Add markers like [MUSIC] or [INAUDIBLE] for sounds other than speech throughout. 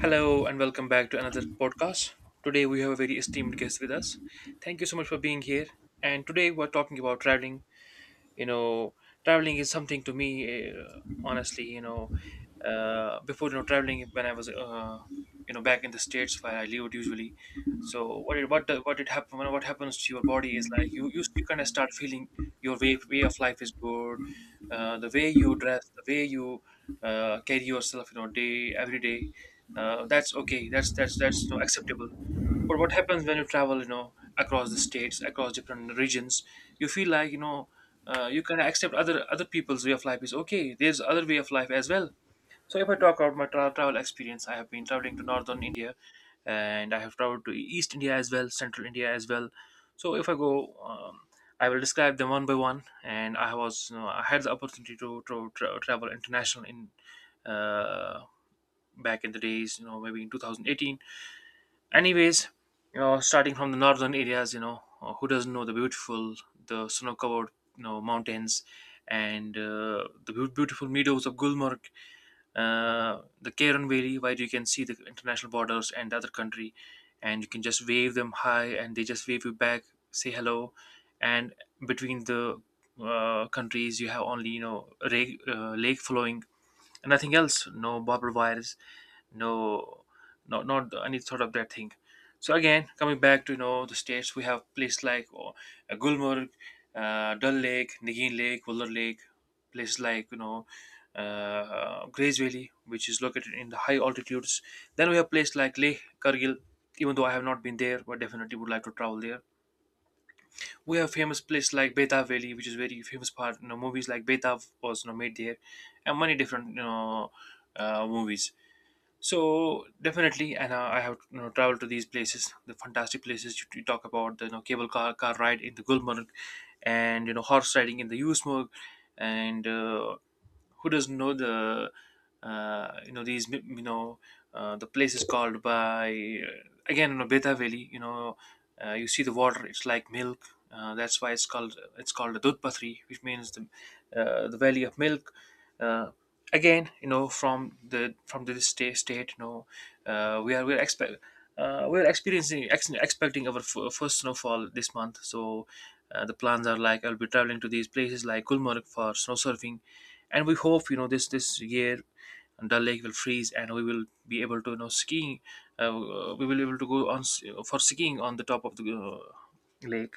Hello and welcome back to another podcast. Today we have a very esteemed guest with us. Thank you so much for being here. And today we're talking about traveling. You know, traveling is something to me, honestly, you know, before traveling when I was you know back in the states where I lived usually. So what it, what the- what it happen what happens to your body is like you kind of start feeling your way of life is good, the way you dress, the way you carry yourself, you know, day every day. That's okay. That's you know, acceptable. But what happens when you travel, you know, across the states, across different regions, you feel like you know. You kind of accept other people's way of life is okay. There's other way of life as well, so if I talk about my travel experience, I have been traveling to northern India, and I have traveled to East India as well, Central India as well. So if I go, I will describe them one by one. And I was, you know, I had the opportunity to, travel international in uh, back in the days, you know, maybe in 2018. Anyways, you know, starting from the northern areas, you know, who doesn't know the beautiful, the snow-covered, you know, mountains, and beautiful meadows of Gulmarg, the Karen Valley, where you can see the international borders and other country, and you can just wave them hi, and they just wave you back, say hello, and between the countries you have only you know lake flowing and nothing else, no barbed wires, no, not any sort of that thing. So again coming back to you know the states, we have places like oh, Gulmarg, Dull Lake, Nagin Lake, Wuller Lake, places like you know Grays Valley, which is located in the high altitudes. Then we have places like Leh, Kargil. Even though I have not been there, but definitely would like to travel there. We have famous places like Beta Valley, which is very famous part. You know, movies like Beta was you know made there, and many different you know movies. So definitely, and I have you know, traveled to these places, the fantastic places you, you talk about, the you know, cable car ride in the Gulmarg, and you know horse riding in the Usmurg, and who doesn't know the uh, you know these mi- you know the places called by again you know Beta Valley. You know you see the water; it's like milk. That's why it's called the Dudpatri, which means the valley of milk. Uh, Again you know from the state you know, uh, we are we're expect we're expecting our first snowfall this month. So the plans are like I'll be traveling to these places like Gulmarg for snow surfing, and we hope you know this year Dal Lake will freeze, and we will be able to you know skiing. Uh, we will be able to go on for skiing on the top of the lake.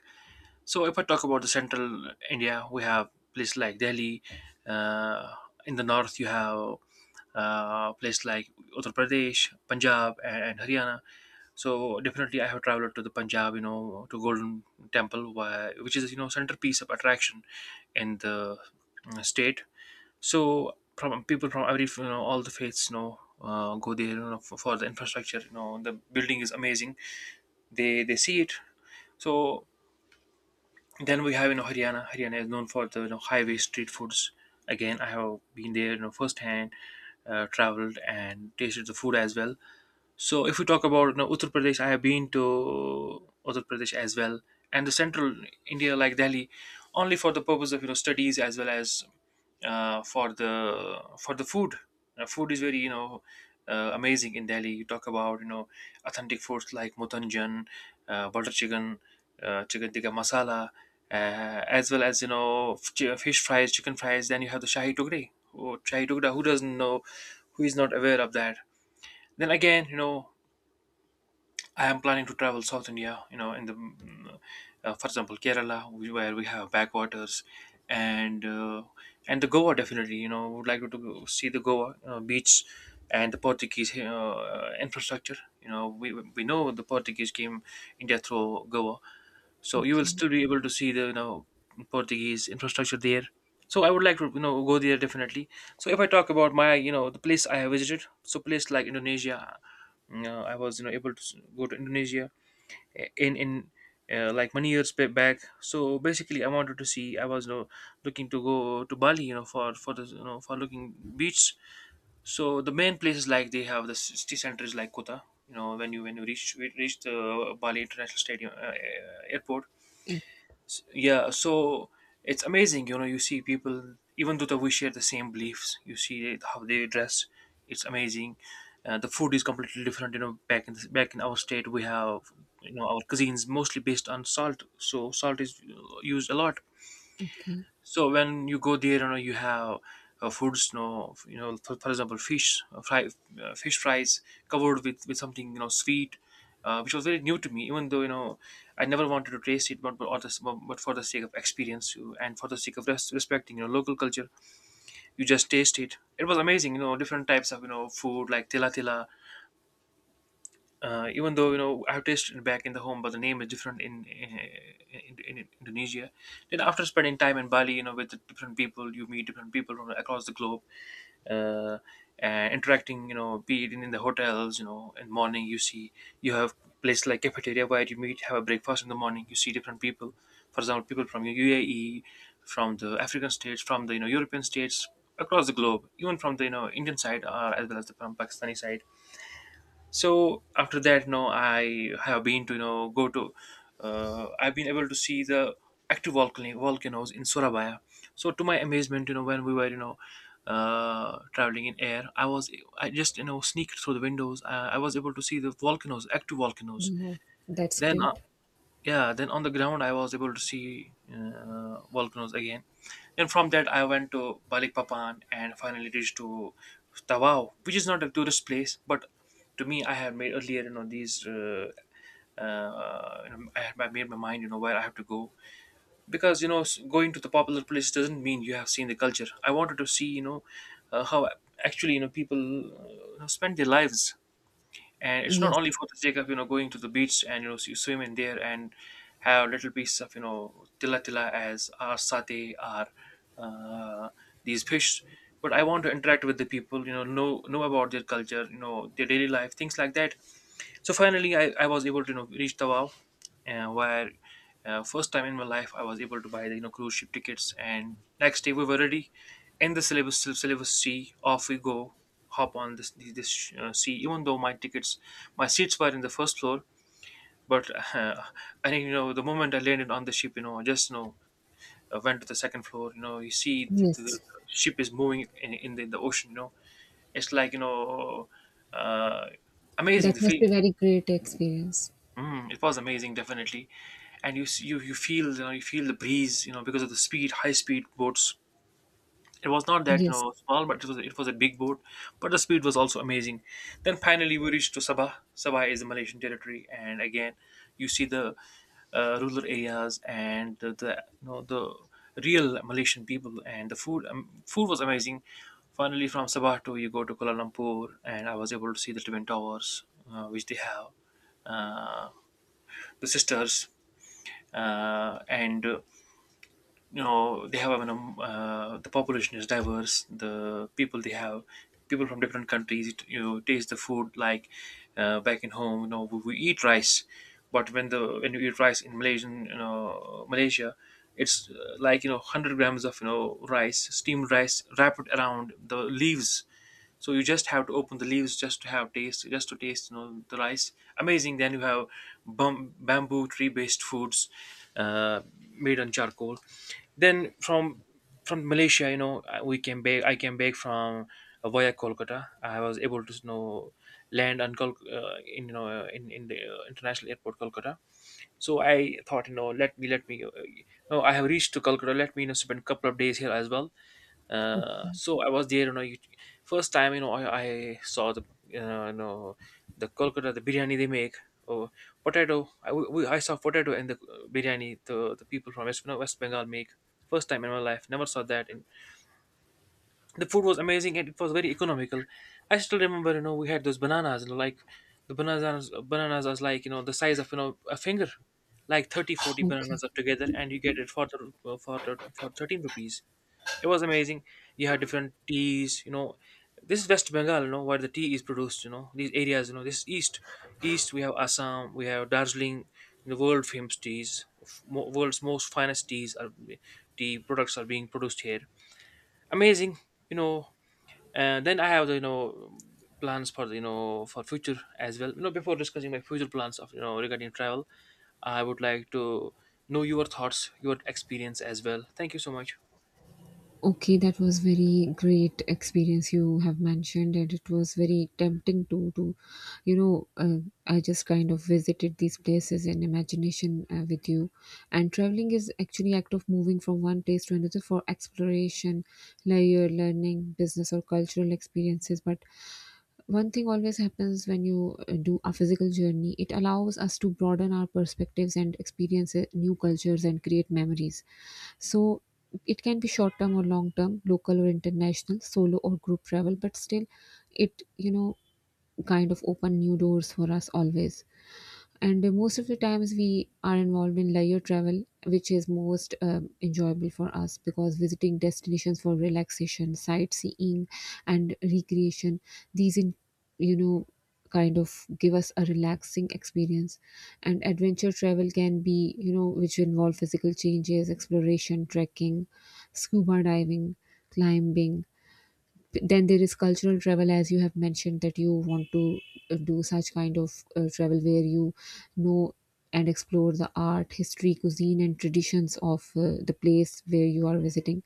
So if I talk about the central India, we have places like Delhi. Uh, in the north, you have places like Uttar Pradesh, Punjab, and Haryana. So definitely, I have traveled to the Punjab, you know, to Golden Temple, where, which is you know centerpiece of attraction in the state. So from people from every you know all the faiths, you know, go there you know, for the infrastructure. You know, the building is amazing. They see it. So then we have you know Haryana. Haryana is known for the you know, highway street foods. Again, I have been there you know firsthand, traveled and tasted the food as well. So if we talk about you know, Uttar Pradesh, I have been to Uttar Pradesh as well, and the central India like Delhi, only for the purpose of you know studies as well as for the food. Food is very you know amazing in Delhi. You talk about you know authentic foods like mutanjan, butter chicken, chicken tikka masala, as well as you know fish fries, chicken fries. Then you have the shahi tukri. Oh, shahi tukra. Who doesn't know? Who is not aware of that? Then again, you know I am planning to travel South India, you know, in the, for example, Kerala, where we have backwaters, and uh, and the Goa definitely, you know, would like to see the Goa beach and the Portuguese infrastructure. You know, we know the Portuguese came India through Goa, so you will Okay, still be able to see the you know Portuguese infrastructure there, so I would like to you know go there definitely. So if I talk about my you know the place I have visited, so place like Indonesia, you know, I was you know able to go to Indonesia in like many years back. So basically I wanted to see, I was you know looking to go to Bali you know for the you know for looking beach. So the main places, like they have the city centers like Kota. You know when you reach the Bali International Stadium, airport. eh, Yeah, so it's amazing, you know, you see people, even though that we share the same beliefs, you see it, how they dress, it's amazing. The food is completely different. You know, back in our state we have you know our cuisines mostly based on salt, so salt is used a lot. okay. So when you go there, you know you have foods, you know, for example, fish fry, fish fries covered with something you know sweet, which was very new to me. Even though you know I never wanted to taste it, but but for the sake of experience you, and for the sake of respecting you know local culture, you just taste it. It was amazing, you know, different types of you know food like tila tila. Even though you know I've tasted it back in the home, but the name is different in in Indonesia. Then after spending time in Bali, you know, with the different people, you meet different people from across the globe, uh, and interacting. You know, be it in the hotels, you know, in morning you see you have places like cafeteria where you meet, have a breakfast in the morning. You see different people. For example, people from the UAE, from the African states, from the you know European states across the globe, even from the you know Indian side, as well as the from Pakistani side. So after that, no, I have been to you know go to I've been able to see the active volcanoes in Surabaya. So to my amazement, you know, when we were you know traveling in air, I was, I just you know sneaked through the windows, I was able to see the volcanoes, active volcanoes. No, that's Then great. yeah, then on the ground I was able to see volcanoes again. Then from that I went to Balikpapan and finally reached to Tawau, which is not a tourist place, but to me I had made earlier you know these you know, I made my mind, you know, where I have to go. Because you know going to the popular place doesn't mean you have seen the culture. I wanted to see, you know, how actually you know people spend their lives, and it's not only Yes, for the sake of you know going to the beach and you know you swim in there and have little pieces of you know tila tila as our satay, our uh, these fish, but I want to interact with the people, you know, know about their culture, you know, their daily life, things like that. So finally, I was able to you know reach the wow, where first time in my life I was able to buy the you know cruise ship tickets. And next day we were already in the syllabus sea. Off we go, hop on this, sea. Even though my tickets, my seats were in the first floor, but [LAUGHS] uh, I think the moment I landed on the ship, I just went to the second floor. You know you see the yes. ship is moving in the ocean. You know it's like you know. Uh, Amazing That the must feel. be very great experience. Mm, it was amazing, definitely. And you feel you feel the breeze, you know, because of the speed, high speed boats. It was not that Yes. Small, but it was a big boat, but the speed was also amazing. Then finally we reached to Sabah. Sabah is the Malaysian territory, and again you see the rural areas and the you know the real Malaysian people and the food. Food was amazing. Finally, from Sabah to you go to Kuala Lumpur, and I was able to see the twin towers, which they have. uh, the sisters, and you know they have the population is diverse. The people they have people from different countries. It, you know, taste the food like back in home. You know, we eat rice, but when you eat rice in Malaysian, you know, Malaysia. It's like 100 grams of rice, steamed rice, wrapped around the leaves, so you just have to open the leaves just to have taste just to taste the rice. Amazing. Then you have bamboo tree based foods, uh, made on charcoal. Then from Malaysia, we can bake I can bake from via Kolkata. I was able to land on Kol- in you know in the international airport Kolkata. So I thought, you know, let me, no, I have reached to Calcutta. Let me, you know, spend a couple of days here as well. Okay, So I was there, first time, I saw uh, you know, the Kolkata, the biryani they make, or potato. I saw potato in the biryani, the people from West, you know, West Bengal make. First time in my life, never saw that in the food was amazing, and it was very economical. I still remember, you know, we had those bananas, you know, like the bananas are like you know the size of you know a finger. Like 30, 40 okay. bananas are together, and you get it for 13 rupees. It was amazing. You had different teas, you know. This is West Bengal, you know, where the tea is produced, you know, these areas, you know. This is east. We have Assam, we have Darjeeling. The world famous teas, world's most finest teas are, tea products are being produced here. Amazing, you know. And then I have the plans for the, you know, for future as well. You know, before discussing my future plans of you know regarding travel, I would like to know your thoughts, your experience as well. Thank you so much. Okay, that was very great experience you have mentioned, and it was very tempting to, you know, uh, I just kind of visited these places in imagination with you, and traveling is actually act of moving from one place to another for exploration, layer learning, business or cultural experiences. But one thing always happens when you do a physical journey; it allows us to broaden our perspectives and experience new cultures and create memories. So it can be short-term or long-term, local or international, solo or group travel, but still it, kind of open new doors for us always, and most of the times we are involved in leisure travel which is most enjoyable for us because visiting destinations for relaxation, sightseeing and recreation, these in you know kind of give us a relaxing experience. And adventure travel can be which involve physical changes, exploration, trekking, scuba diving, climbing. Then there is cultural travel, as you have mentioned, that you want to do such kind of travel where you know and explore the art, history, cuisine and traditions of the place where you are visiting.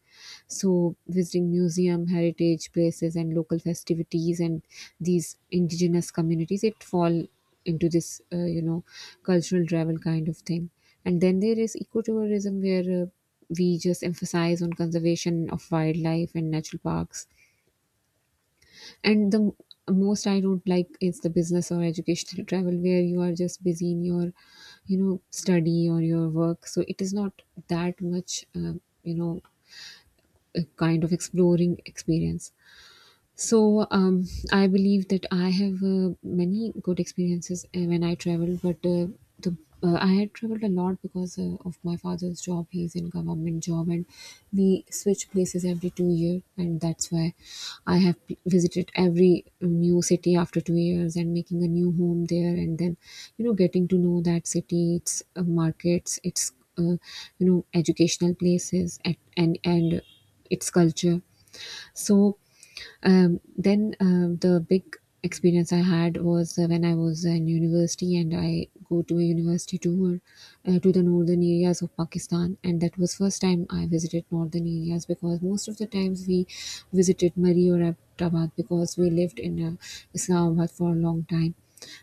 So visiting museum, heritage places and local festivities and these indigenous communities, it fall into this cultural travel kind of thing. And then there is ecotourism where we just emphasize on conservation of wildlife and natural parks. And the most I don't like is the business or educational travel where you are just busy in your study or your work, so it is not that much you know a kind of exploring experience. So I believe that I have many good experiences when I travel, but the I had traveled a lot because of my father's job. He's in government job, and we switch places every 2 years, and that's why I have visited every new city after 2 years and making a new home there, and then getting to know that city, its markets, its uh, educational places, and and its culture. So. Then the big experience I had was when I was in university and I go to a university tour to the northern areas of Pakistan, and that was first time I visited northern areas because most of the times we visited Murri or Abbottabad because we lived in Islamabad for a long time.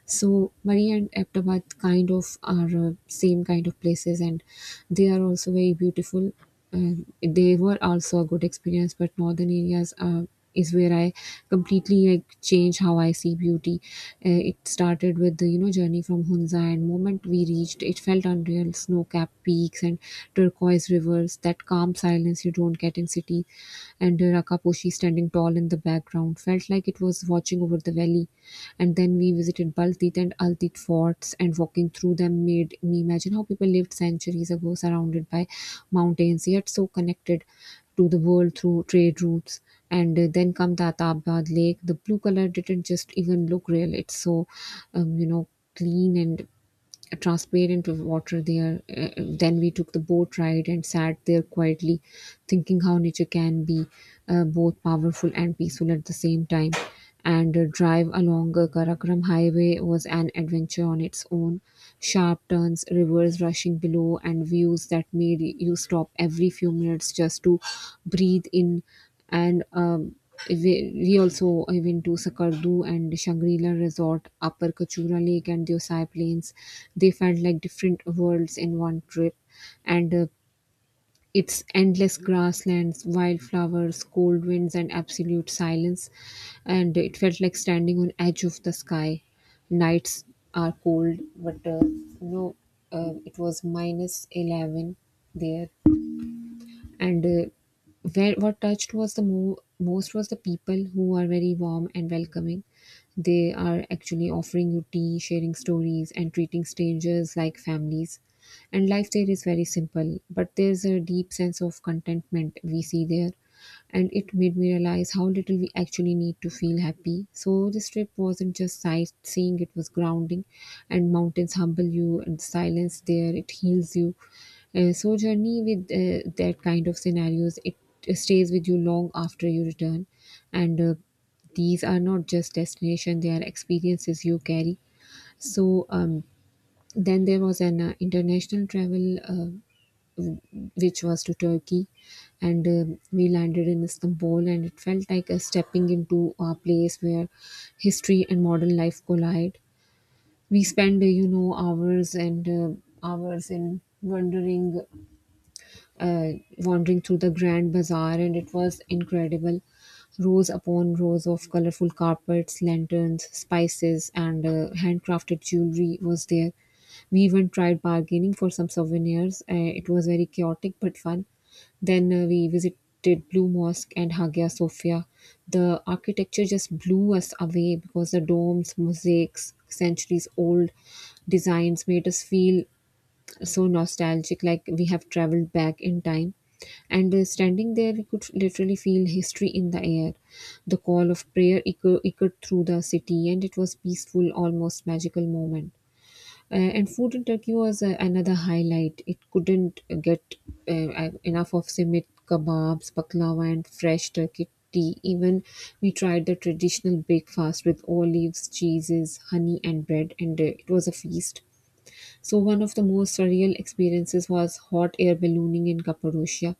So Maria and Abtabad kind of are same kind of places, and they are also very beautiful. They were also a good experience, but northern areas is where I completely like change how I see beauty. It started with the journey from Hunza, and moment we reached, it felt unreal. Snow-capped peaks and turquoise rivers, that calm silence you don't get in cities, and Rakaposhi standing tall in the background felt like it was watching over the valley. And then we visited Baltit and Altit forts, and walking through them made me imagine how people lived centuries ago, surrounded by mountains, yet so connected to the world through trade routes. And then come the Atabad lake, the blue color didn't just even look real, it's so um, you know clean and transparent water there. Then we took the boat ride and sat there quietly, thinking how nature can be both powerful and peaceful at the same time. And drive along Karakoram Highway was an adventure on its own. Sharp turns, rivers rushing below, and views that made you stop every few minutes just to breathe in. And we also I went to Sakardu and Shangri-La Resort, Upper Kachura Lake and the Osai Plains. They felt like different worlds in one trip. And it's endless grasslands, wildflowers, cold winds and absolute silence. And it felt like standing on edge of the sky. Nights are cold, but it was minus 11 there. And where what touched was the most was the people, who are very warm and welcoming. They are actually offering you tea, sharing stories and treating strangers like families, and life there is very simple, but there's a deep sense of contentment we see there. And it made me realize how little we actually need to feel happy. So this trip wasn't just sightseeing, it was grounding, and mountains humble you and silence there, it heals you. So journey with that kind of scenarios, it stays with you long after you return. And these are not just destination, they are experiences you carry. So then there was an international travel which was to Turkey, and we landed in Istanbul, and it felt like a stepping into a place where history and modern life collide. We spent, hours and hours in uh, wandering through the grand bazaar, and it was incredible. Rows upon rows of colorful carpets, lanterns, spices, and handcrafted jewelry was there. We even tried bargaining for some souvenirs. It was very chaotic but fun. Then we visited Blue Mosque and Hagia Sophia. The architecture just blew us away because the domes, mosaics, centuries old designs made us feel so nostalgic, like we have traveled back in time. And standing there, we could literally feel history in the air. The call of prayer echoed through the city, and it was peaceful, almost magical moment. And food in Turkey was another highlight. It couldn't get enough of simit kebabs, baklava, and fresh Turkey tea. Even we tried the traditional breakfast with olives, cheeses, honey, and bread, and it was a feast. So, one of the most surreal experiences was hot air ballooning in Cappadocia,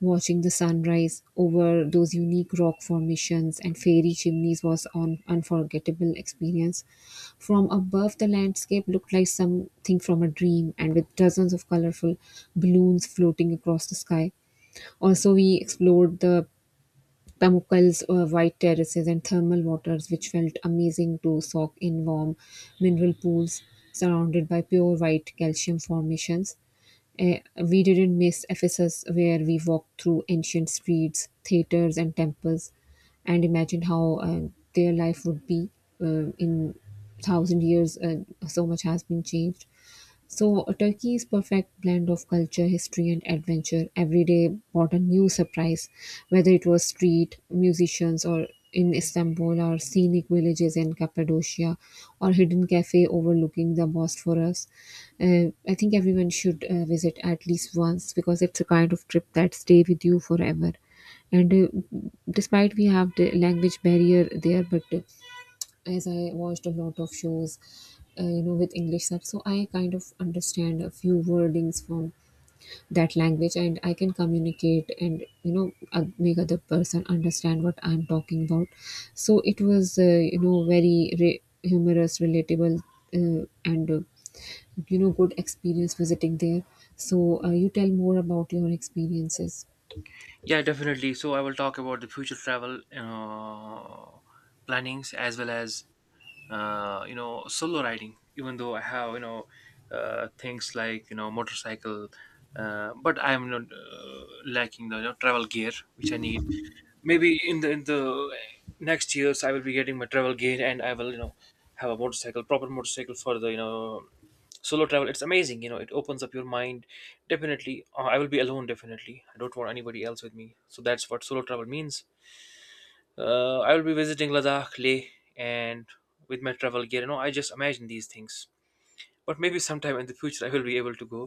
watching the sunrise over those unique rock formations and fairy chimneys was an unforgettable experience. From above, the landscape looked like something from a dream, and with dozens of colorful balloons floating across the sky. Also, we explored the Pamukkale's white terraces and thermal waters, which felt amazing to soak in warm mineral pools surrounded by pure white calcium formations. Eh, we didn't miss Ephesus, where we walked through ancient streets, theaters, and temples, and imagined how their life would be in thousand years. So much has been changed. So Turkey is perfect blend of culture, history, and adventure. Every day brought a new surprise, whether it was street musicians or in Istanbul, or scenic villages in Cappadocia, or hidden cafe overlooking the Bosphorus. I think everyone should visit at least once because it's a kind of trip that stay with you forever. And despite we have the language barrier there, but as I watched a lot of shows, with English subs, so I kind of understand a few wordings from that language, and I can communicate and make other person understand what I'm talking about. So it was very humorous, relatable, and you know good experience visiting there. So you tell more about your experiences. Yeah, definitely. So I will talk about the future travel, you know, plannings as well as you know, solo riding. Even though I have things like motorcycle, but I am not lacking the you know travel gear which I need. Maybe in the next years I will be getting my travel gear, and I will, you know, have a motorcycle, proper motorcycle for the, you know, solo travel. It's amazing, you know, it opens up your mind. Definitely I will be alone, definitely. I don't want anybody else with me. So that's what solo travel means. I will be visiting Ladakh, Leh, and with my travel gear, you know, I just imagine these things, but maybe sometime in the future I will be able to go.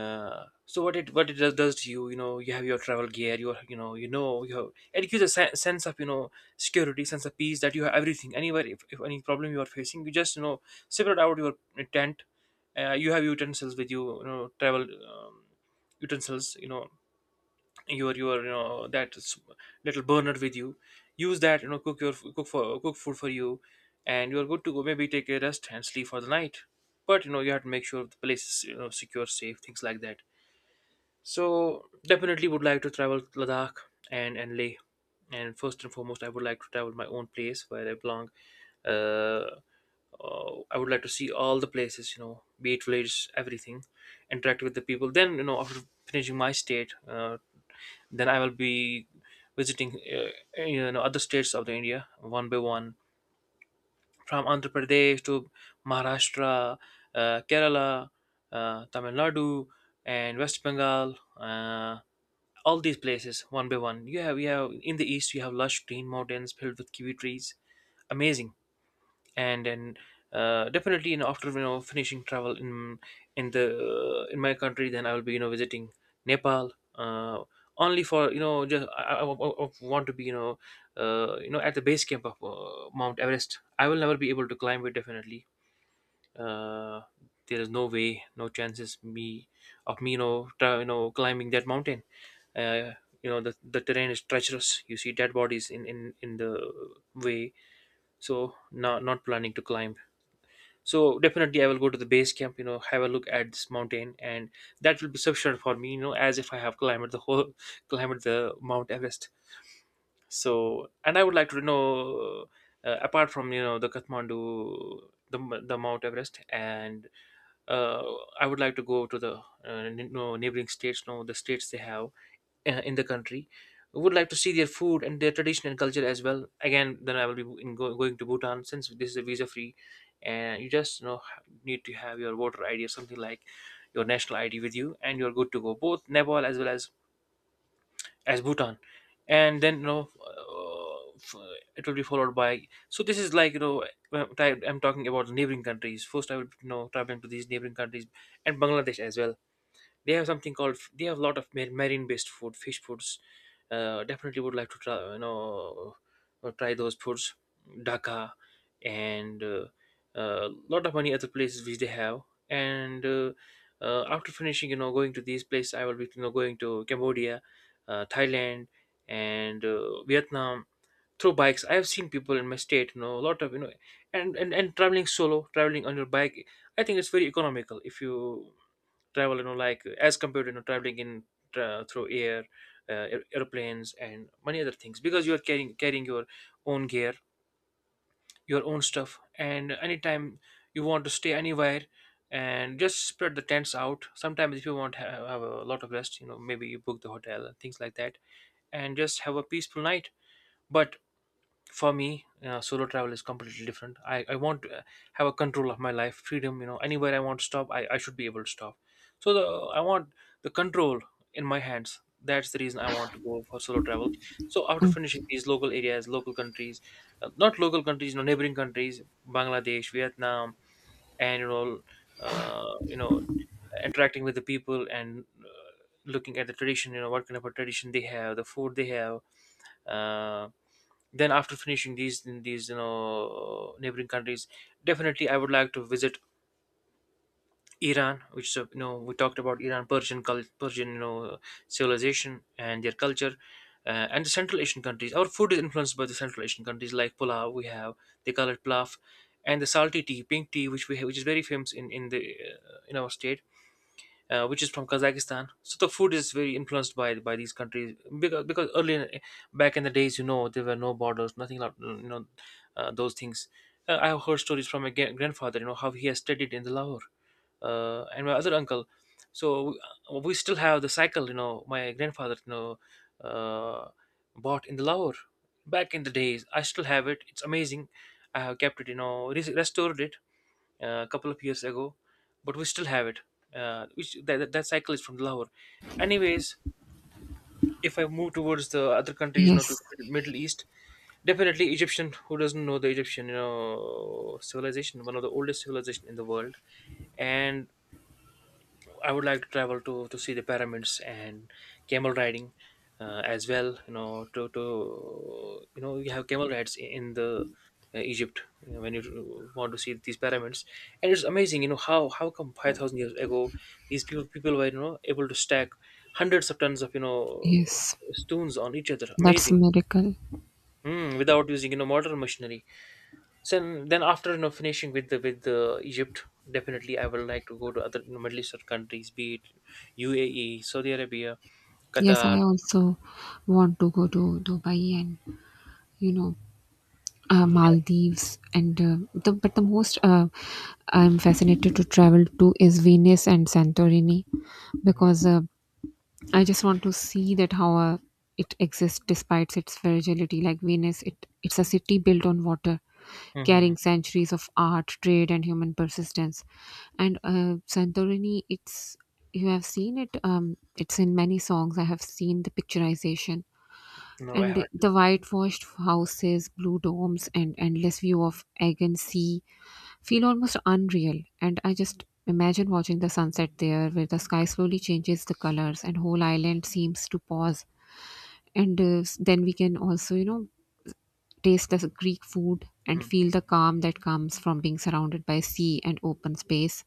So what it does to you, you know, you have your travel gear, your you know, you know, you have, it gives a sense of security, sense of peace that you have everything. Anywhere, if any problem you are facing, you just, you know, separate out your tent. You have utensils with you, you know, travel utensils, you know, your you know that little burner with you. Use that, you know, cook food for you, and you are good to go. Maybe take a rest and sleep for the night. But you know, you have to make sure the place is, you know, secure, safe, things like that. So definitely would like to travel Ladakh and Leh. And first and foremost, I would like to travel my own place where I belong. Uh, I would like to see all the places, you know, be it villages, everything, interact with the people. Then, you know, after finishing my state, then I will be visiting, you know, other states of the India one by one, from Andhra Pradesh to Maharashtra, Kerala, Tamil Nadu, and West Bengal. All these places one by one. You have in the east you have lush green mountains filled with kiwi trees. Amazing. And then definitely, you know, after you know finishing travel in my country, then I will be, you know, visiting Nepal. Only for you know, I want to be, you know, you know, at the base camp of Mount Everest. I will never be able to climb it, definitely. Uh, there is no way, no chances me, you know, you know, climbing that mountain. Uh, you know, the terrain is treacherous. You see dead bodies in the way. So not planning to climb. So definitely, I will go to the base camp. You know, have a look at this mountain, and that will be sufficient for me. You know, as if I have climbed the whole [LAUGHS] climbed the Mount Everest. So, and I would like to know, apart from you know the Kathmandu, the Mount Everest, and uh, I would like to go to the neighboring states, no, the states they have in the country. I would like to see their food and their tradition and culture as well. Again, then I will be going to Bhutan since this is a visa free, and you just, you know, need to have your voter ID or something like your national ID with you, and you're good to go. Both Nepal as well as Bhutan, and then you know it will be followed by. So this is like, you know, I'm talking about neighboring countries. First, I will, you know, traveling to these neighboring countries, and Bangladesh as well. They have something called, they have a lot of marine based food, fish foods. Definitely would like to try, you know, try those foods. Dhaka, and a lot of many other places which they have. And after finishing, you know, going to these places, I will be, you know, going to Cambodia, Thailand, and Vietnam through bikes. I have seen people in my state, you know, a lot of, you know, and traveling solo, traveling on your bike. I think it's very economical if you travel, you know, like as compared, you know, traveling in through air, airplanes and many other things, because you are carrying your own gear, your own stuff, and anytime you want to stay anywhere, and just spread the tents out. Sometimes if you want to have a lot of rest, you know, maybe you book the hotel and things like that, and just have a peaceful night. But for me, solo travel is completely different. I want to have a control of my life, freedom, you know. Anywhere I want to stop, I should be able to stop. so the, I want the control in my hands. That's the reason I want to go for solo travel. So after Oh, finishing these local areas, local countries, not local countries, you know, neighboring countries, Bangladesh, Vietnam, and you know, uh, you know interacting with the people, and looking at the tradition, you know, what kind of a tradition they have, the food they have. uh then after finishing these, you know, neighboring countries, definitely I would like to visit Iran, which is a, you know, we talked about Iran, Persian Persian, you know, civilization and their culture. Uh, and the Central Asian countries, our food is influenced by the Central Asian countries like pulao, we have, they call it pilaf, and the salty tea, pink tea, which we have, which is very famous in the in our state, which is from Kazakhstan. So the food is very influenced by these countries, because earlier back in the days, you know, there were no borders, nothing like you know those things. I have heard stories from my grandfather, you know, how he has studied in the Lahore, and my other uncle. So we still have the cycle, you know, my grandfather, you know, uh, bought in the Lahore back in the days. I still have it. It's amazing. I have kept it, you know, restored it a couple of years ago, but we still have it. Which that cycle is from Lahore. Anyways, if I move towards the other countries, you know, to yes, the Middle East, definitely Egyptian. Who doesn't know the Egyptian, you know, civilization, one of the oldest civilization in the world, and I would like to travel to see the pyramids and camel riding as well. You know, to you know, you have camel rides in the Egypt, you know, when you want to see these pyramids, and it's amazing. You know how come 5,000 years ago these people were, you know, able to stack hundreds of tons of, you know, yes, stones on each other. that's a Amazing, miracle. mm, without using, you know, modern machinery. So then after, you know, finishing with the Egypt, definitely I would like to go to other, you know, Middle Eastern countries, be it UAE, Saudi Arabia, Yes, Qatar. I also want to go to Dubai and you know Maldives, and the but the most I'm fascinated to travel to is Venice and Santorini, Hmm. because I just want to see that how it exists despite its fragility. Like Venice, it's a city built on water, Hmm. carrying centuries of art, trade, and human persistence. And Santorini, it's, you have seen it. It's in many songs. I have seen the picturization No, I and haven't. the whitewashed houses, blue domes, and endless view of Aegean Sea feel almost unreal. And I just imagine watching the sunset there, where the sky slowly changes the colors, and whole island seems to pause. And then we can also, you know, taste the Greek food, and feel the calm that comes from being surrounded by sea and open space.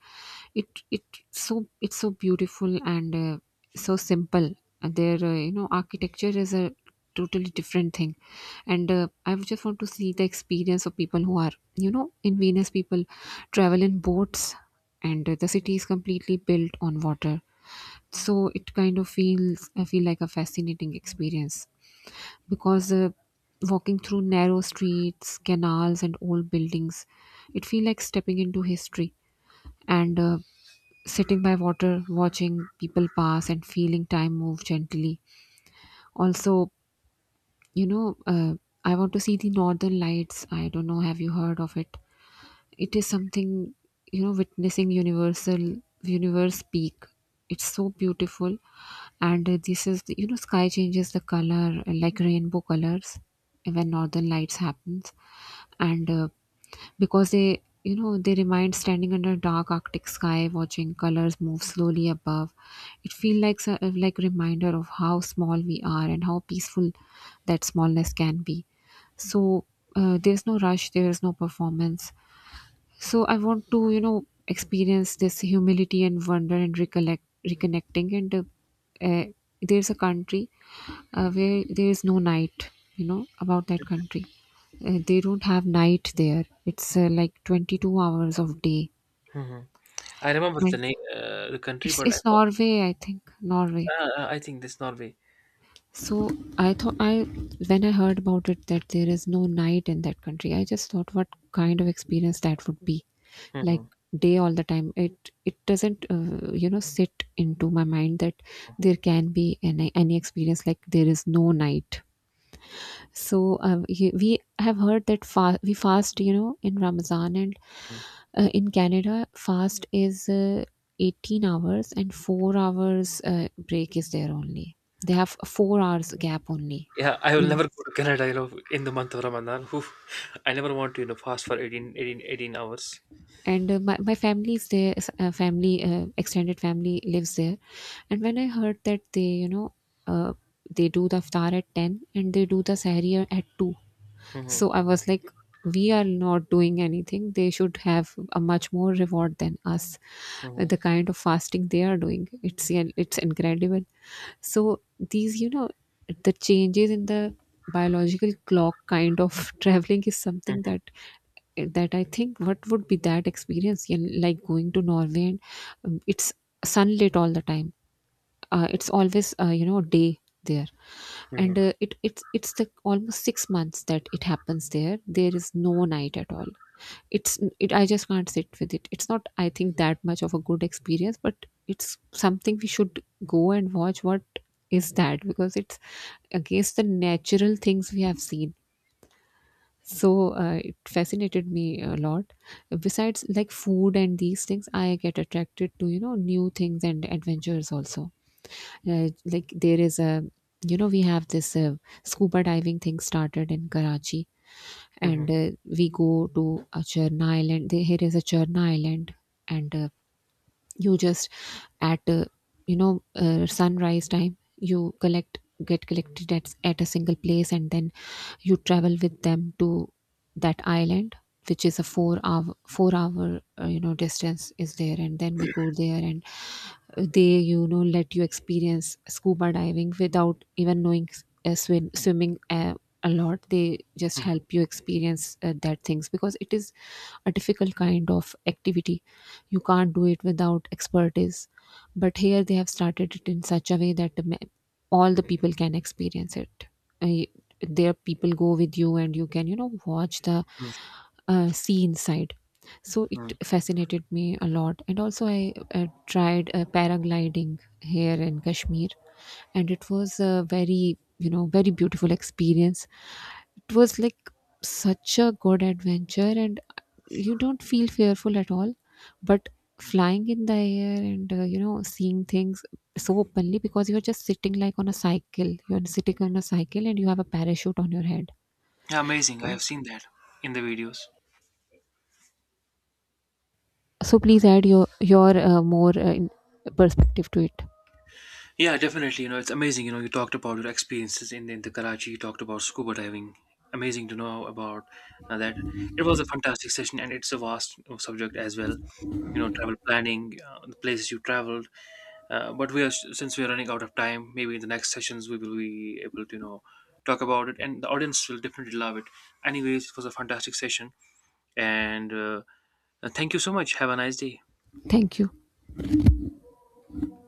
It it it's so beautiful and so simple. And their architecture is a totally different thing, and I would just want to see the experience of people who are in Venus people travel in boats, and the city is completely built on water. So it kind of feels I feel like a fascinating experience because walking through narrow streets, canals and old buildings, it feels like stepping into history. And sitting by water, watching people pass and feeling time move gently. Also, you know uh, I want to see the northern lights. I don't know, have you heard of it? It is something, you know, witnessing universal universe peak. It's so beautiful. And this is the, you know, sky changes the color, like rainbow colors, when northern lights happens. And because they, you know, they remind standing under a dark arctic sky, watching colors move slowly above, it feels like like reminder of how small we are and how peaceful that smallness can be. So there's no rush, there is no performance. So I want to, experience this humility and wonder and recollect reconnecting. And uh, there's a country where there is no night. You know about that country. They don't have night there. It's like 22 hours of day, Mm-hmm. I remember the and name, the country, it's but I it's thought, Norway, I think. Norway. I think this Norway. So I thought I when I heard about it that there is no night in that country, I just thought what kind of experience that would be, Mm-hmm. like day all the time. It doesn't you know, sit into my mind that there can be any experience like there is no night. So we have heard that we fast, you know, in Ramadan. And in Canada, fast is 18 hours, and 4 hours break is there only. They have a 4 hours gap only. Yeah, I will In, never go to Canada, you know, in the month of Ramadan. [LAUGHS] Oof. I never want to, you know, fast for 18 hours. and my, family is there, family, extended family lives there. And when I heard that they, uh, they do the iftar at 10 and they do the sahri at 2. Mm-hmm. So I was like, we are not doing anything. They should have a much more reward than us. Mm-hmm. The kind of fasting they are doing, it's, yeah, it's incredible. So these, the changes in the biological clock kind of [LAUGHS] traveling is something that I think, what would be that experience? You know, like going to Norway. And It's sunlit all the time. It's always, you know, day there. and Mm-hmm. uh, it's the almost 6 months that it happens there, there is no night at all. It's it I just can't sit with it. It's not, I think, that much of a good experience, but it's something we should go and watch what is that, because it's against the natural things we have seen. So it fascinated me a lot. Besides like food and these things, I get attracted to, you know, new things and adventures also. Like there is a, we have this scuba diving thing started in Karachi. and Mm-hmm. uh, we go to a Cherna Island there, here is a Cherna Island. And You just at you know sunrise time, you collect get collected at a single place and then you travel with them to that island, which is a 4 hour you know, distance is there, and then we go there and they, you know, let you experience scuba diving without even knowing swimming a lot. They just Mm-hmm. help you experience that things because it is a difficult kind of activity, you can't do it without expertise. But here they have started it in such a way that all the people can experience it. I- there, people go with you and you can, you know, watch the sea inside. So Mm-hmm. it fascinated me a lot. And also I tried paragliding here in Kashmir, and it was a very, you know, very beautiful experience. It was like such a good adventure. And you don't feel fearful at all. But flying in the air and you know, seeing things so openly, because you're just sitting like on a cycle, you're sitting on a cycle and you have a parachute on your head. Amazing. I And have seen that in the videos. So please add your more in perspective to it. Yeah, definitely. You know, it's amazing. You know, you talked about your experiences in the Karachi. You talked about scuba diving. Amazing to know about that. It was a fantastic session, and it's a vast you subject as well. You know, travel planning, the places you traveled. But we are, since we are running out of time, maybe in the next sessions we will be able to, you know, talk about it, and the audience will definitely love it. Anyways, it was a fantastic session, and thank you so much. Have a nice day. Thank you.